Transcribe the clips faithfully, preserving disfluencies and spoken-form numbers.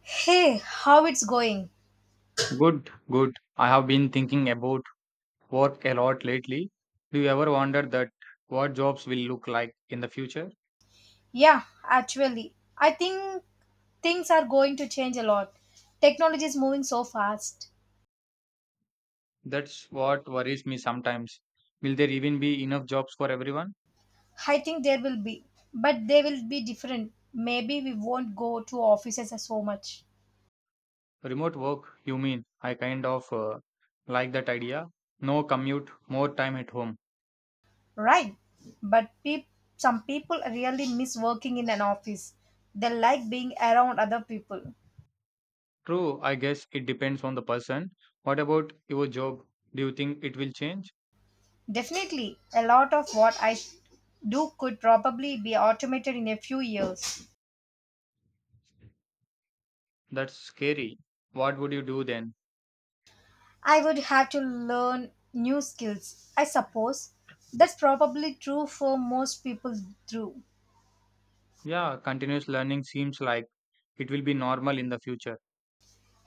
Hey, how it's going? Good, good. I have been thinking about work a lot lately. Do you ever wonder that what jobs will look like in the future? Yeah, actually, I think things are going to change a lot. Technology is moving so fast. That's what worries me sometimes. Will there even be enough jobs for everyone? I think there will be, but they will be different. Maybe we won't go to offices so much, Remote work, you mean? I kind of uh, like that idea. No commute, more time at home. right? But peop Some people really miss working in an office. They like being around other people. True, I guess it depends on the person. What about your job? Do you think it will change? Definitely, a lot of what I do could probably be automated in a few years. That's scary. What would you do then? I would have to learn new skills. I suppose that's probably true for most people through. Yeah, continuous learning seems like it will be normal in the future.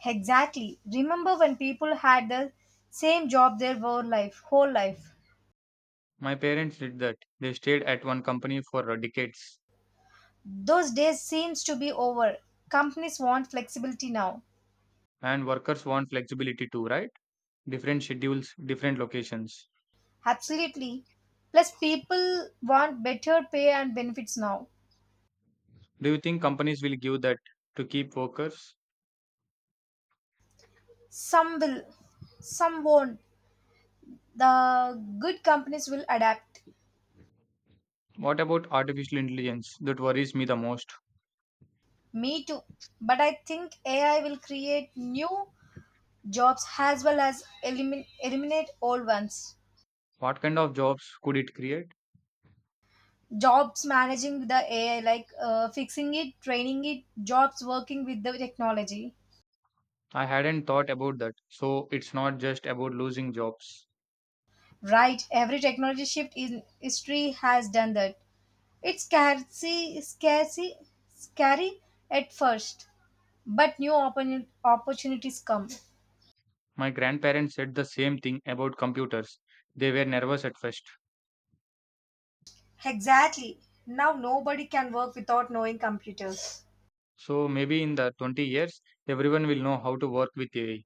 Exactly. Remember when people had the same job their whole life, whole life. My parents did that. They stayed at one company for uh, decades, Those days seems to be over. Companies want flexibility now. and workers want flexibility too, right? Different schedules, different locations. Absolutely. Plus people want better pay and benefits now. Do you think companies will give that to keep workers? Some will, some won't. The good companies will adapt. What about artificial intelligence? That worries me the most. Me too. But I think A I will create new jobs as well as elimin- eliminate old ones. What kind of jobs could it create? Jobs managing the AI, like uh, fixing it, training it, jobs working with the technology. I hadn't thought about that. So it's not just about losing jobs. Right, every technology shift in history has done that. It's scarcely scarcely scary at first, but new oppor- opportunities come. My grandparents said the same thing about computers. They were nervous at first. Exactly. Now nobody can work without knowing computers. So maybe in the twenty years, everyone will know how to work with A I.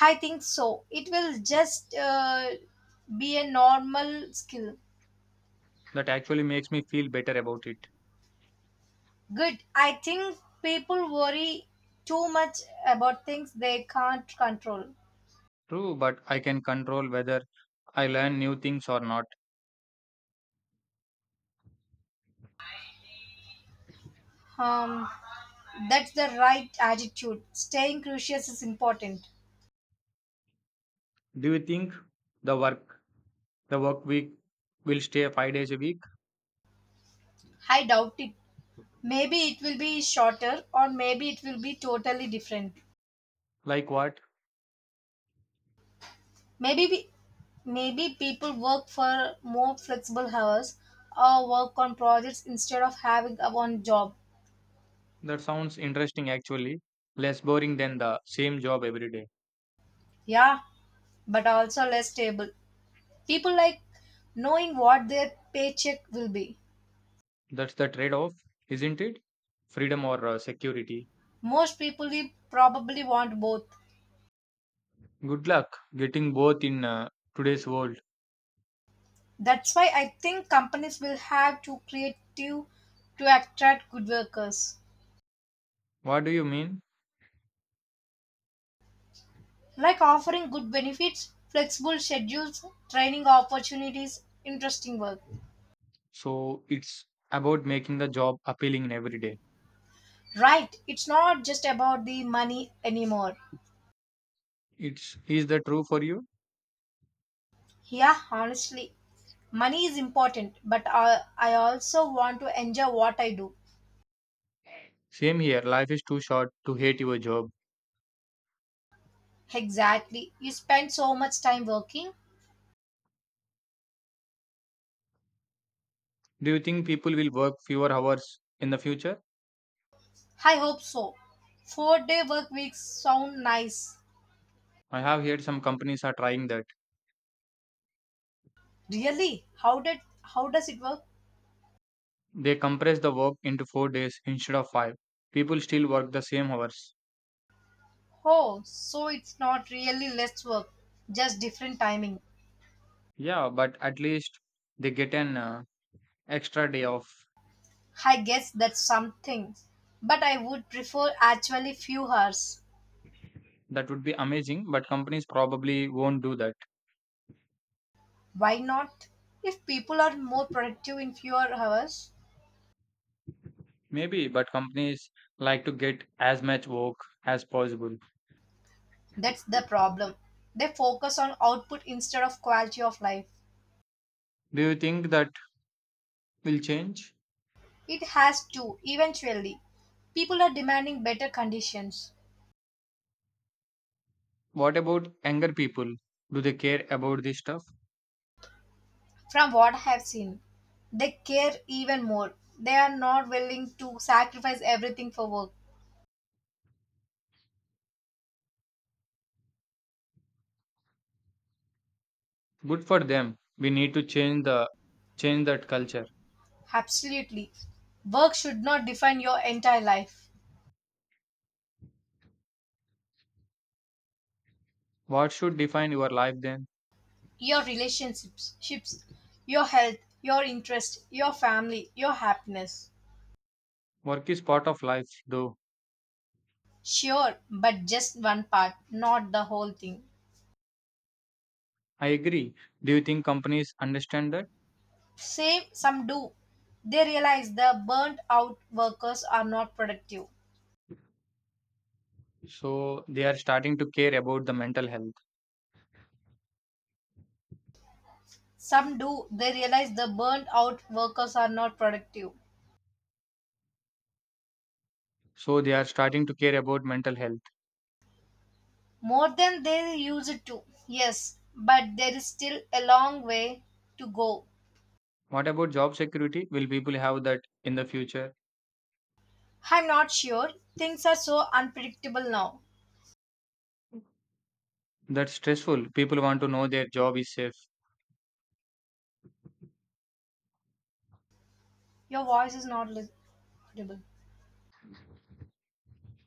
I think so. It will just uh, be a normal skill. That actually makes me feel better about it. Good. I think people worry too much about things they can't control. True, but I can control whether I learn new things or not. Um, that's the right attitude. Staying curious is important. Do you think the work the work week will stay five days a week? I doubt it. Maybe it will be shorter, or maybe it will be totally different. Like what? Maybe we, Maybe people work for more flexible hours, or work on projects instead of having a one job. That sounds interesting actually. Less boring than the same job every day. Yeah, but also less stable. People like knowing what their paycheck will be. That's the trade off, isn't it? Freedom or uh, security. Most people will probably want both. Good luck getting both in uh, today's world. That's why I think companies will have to creative to attract good workers, What do you mean? like offering good benefits, flexible schedules, training opportunities, interesting work. So it's about making the job appealing in every day. Right, it's not just about the money anymore. It's is that true for you? Yeah, honestly, money is important, but I, I also want to enjoy what I do. Same here, life is too short to hate your job. Exactly. You spend so much time working. Do you think people will work fewer hours in the future? I hope so. Four day work weeks sound nice. I have heard some companies are trying that. Really? How did how does it work? They compress the work into four days instead of five. People still work the same hours. Oh, so it's not really less work, just different timing. Yeah, but at least they get an uh, extra day off. I guess that's something. But I would prefer actually few hours. That would be amazing, but companies probably won't do that. Why not? If people are more productive in fewer hours, Maybe, but companies like to get as much work as possible. that's the problem. They focus on output instead of quality of life. Do you think that will change? It has to, eventually. People are demanding better conditions. What about younger people? Do they care about this stuff? From what I have seen, they care even more. They are not willing to sacrifice everything for work. Good for them. We need to change the change that culture. Absolutely. Work should not define your entire life, What should define your life then? your relationships, ships, your health, your interest, your family, your happiness. Work is part of life though. Sure, but just one part, not the whole thing. I agree. Do you think companies understand that? Same, some do. They realize the burnt out workers are not productive. So they are starting to care about the mental health. Some do. They realize the burnt out workers are not productive. So they are starting to care about mental health. More than they used to, yes, but there is still a long way to go. What about job security? Will people have that in the future? I'm not sure. Things are so unpredictable now. That's stressful. People want to know their job is safe. Your voice is not lis- audible.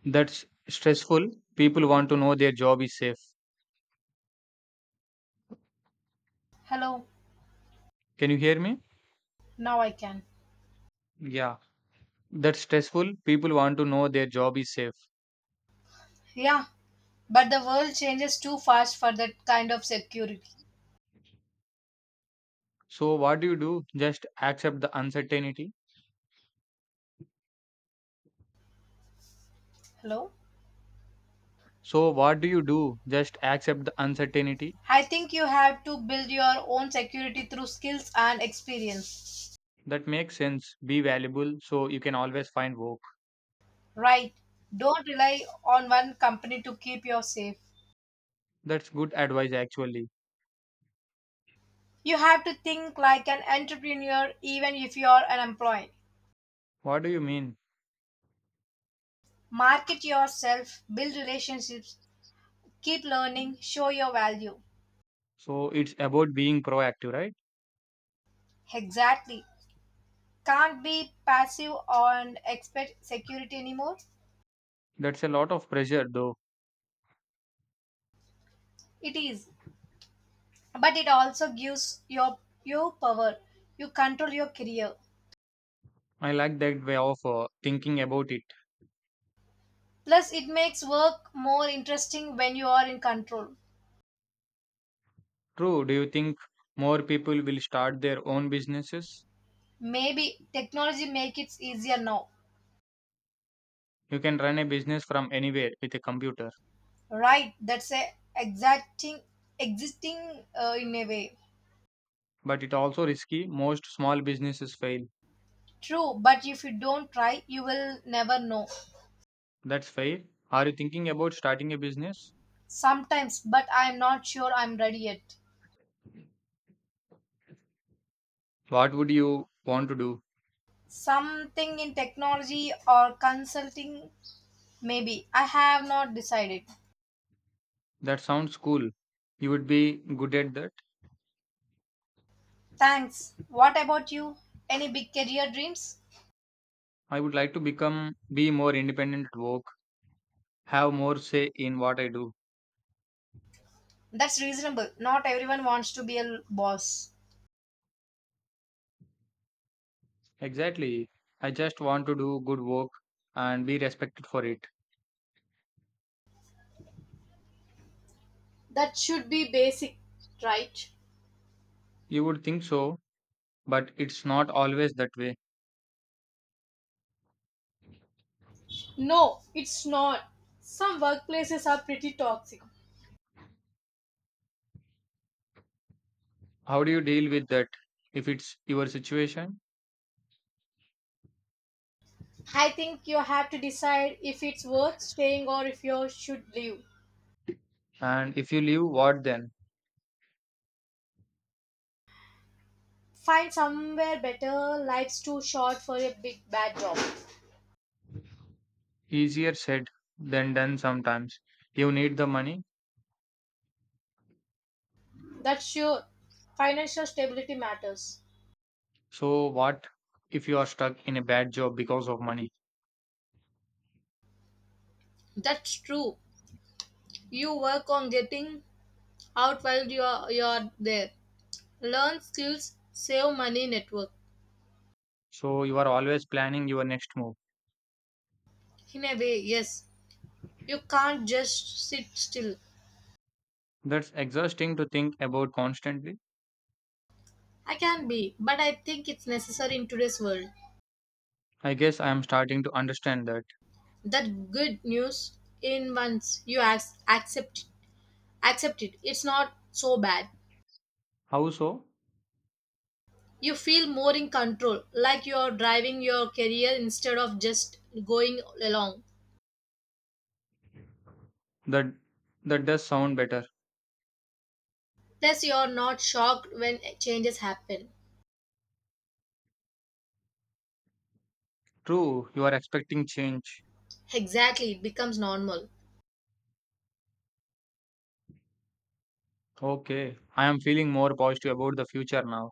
That's stressful. People want to know their job is safe. Hello, Can you hear me? now I can. Yeah. That's stressful. People want to know their job is safe. Yeah, but the world changes too fast for that kind of security. So what do you do? Just accept the uncertainty. Hello? So what do you do? Just accept the uncertainty. I think you have to build your own security through skills and experience. That makes sense. Be valuable so you can always find work. Right. Don't rely on one company to keep you safe. That's good advice actually. You have to think like an entrepreneur even if you are an employee. What do you mean? Market yourself, build relationships, keep learning, show your value. So it's about being proactive, right? Exactly. Can't be passive and expect security anymore. That's a lot of pressure though. It is. But it also gives your you power. You control your career. I like that way of uh, thinking about it. Plus it makes work more interesting when you are in control. True. Do you think more people will start their own businesses? Maybe technology makes it easier now. You can run a business from anywhere with a computer, Right, that's a exacting existing uh, in a way. but it's also risky. Most small businesses fail. True, but if you don't try, you will never know. That's fair. Are you thinking about starting a business? Sometimes, but I'm not sure I'm ready yet. What would you want to do? Something in technology or consulting, maybe. I have not decided. That sounds cool. You would be good at that. Thanks. What about you? Any big career dreams? I would like to become be more independent at work, have more say in what I do. That's reasonable. Not everyone wants to be a boss. Exactly. I just want to do good work and be respected for it. That should be basic, right? You would think so, but it's not always that way. No, it's not. Some workplaces are pretty toxic. How do you deal with that if it's your situation? I think you have to decide if it's worth staying or if you should leave. And if you leave, what then? Find somewhere better. Life's too short for a big bad job. Easier said than done sometimes. You need the money. That's sure. Financial stability matters. So, what if you are stuck in a bad job because of money? That's true. You work on getting out while you are, you are there. Learn skills, save money, network. So, you are always planning your next move. In a way, yes. You can't just sit still. That's exhausting to think about constantly. I can be, but I think it's necessary in today's world. I guess I am starting to understand that. That good news in once you ac- accept accept it, it's not so bad. How so? You feel more in control, like you're driving your career instead of just going along. That that does sound better. Plus you're not shocked when changes happen. True, you are expecting change. Exactly, it becomes normal. Okay, I am feeling more positive about the future now.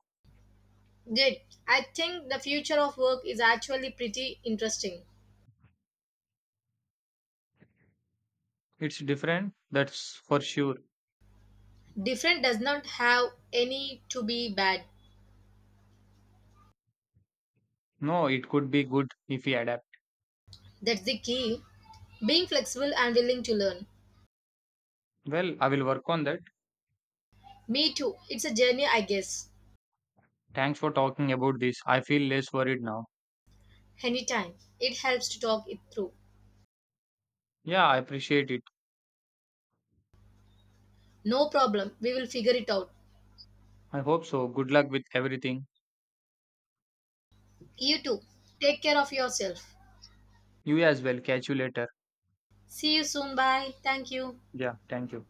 Good. I think the future of work is actually pretty interesting. It's different, that's for sure. Different does not have any to be bad. No, it could be good if we adapt. That's the key, being flexible and willing to learn. Well, I will work on that. Me too, it's a journey I guess. Thanks for talking about this. I feel less worried now. Anytime, it helps to talk it through. Yeah, I appreciate it. No problem, we will figure it out. I hope so. Good luck with everything. You too. Take care of yourself. You as well. Catch you later. See you soon. Bye. Thank you. Yeah, thank you.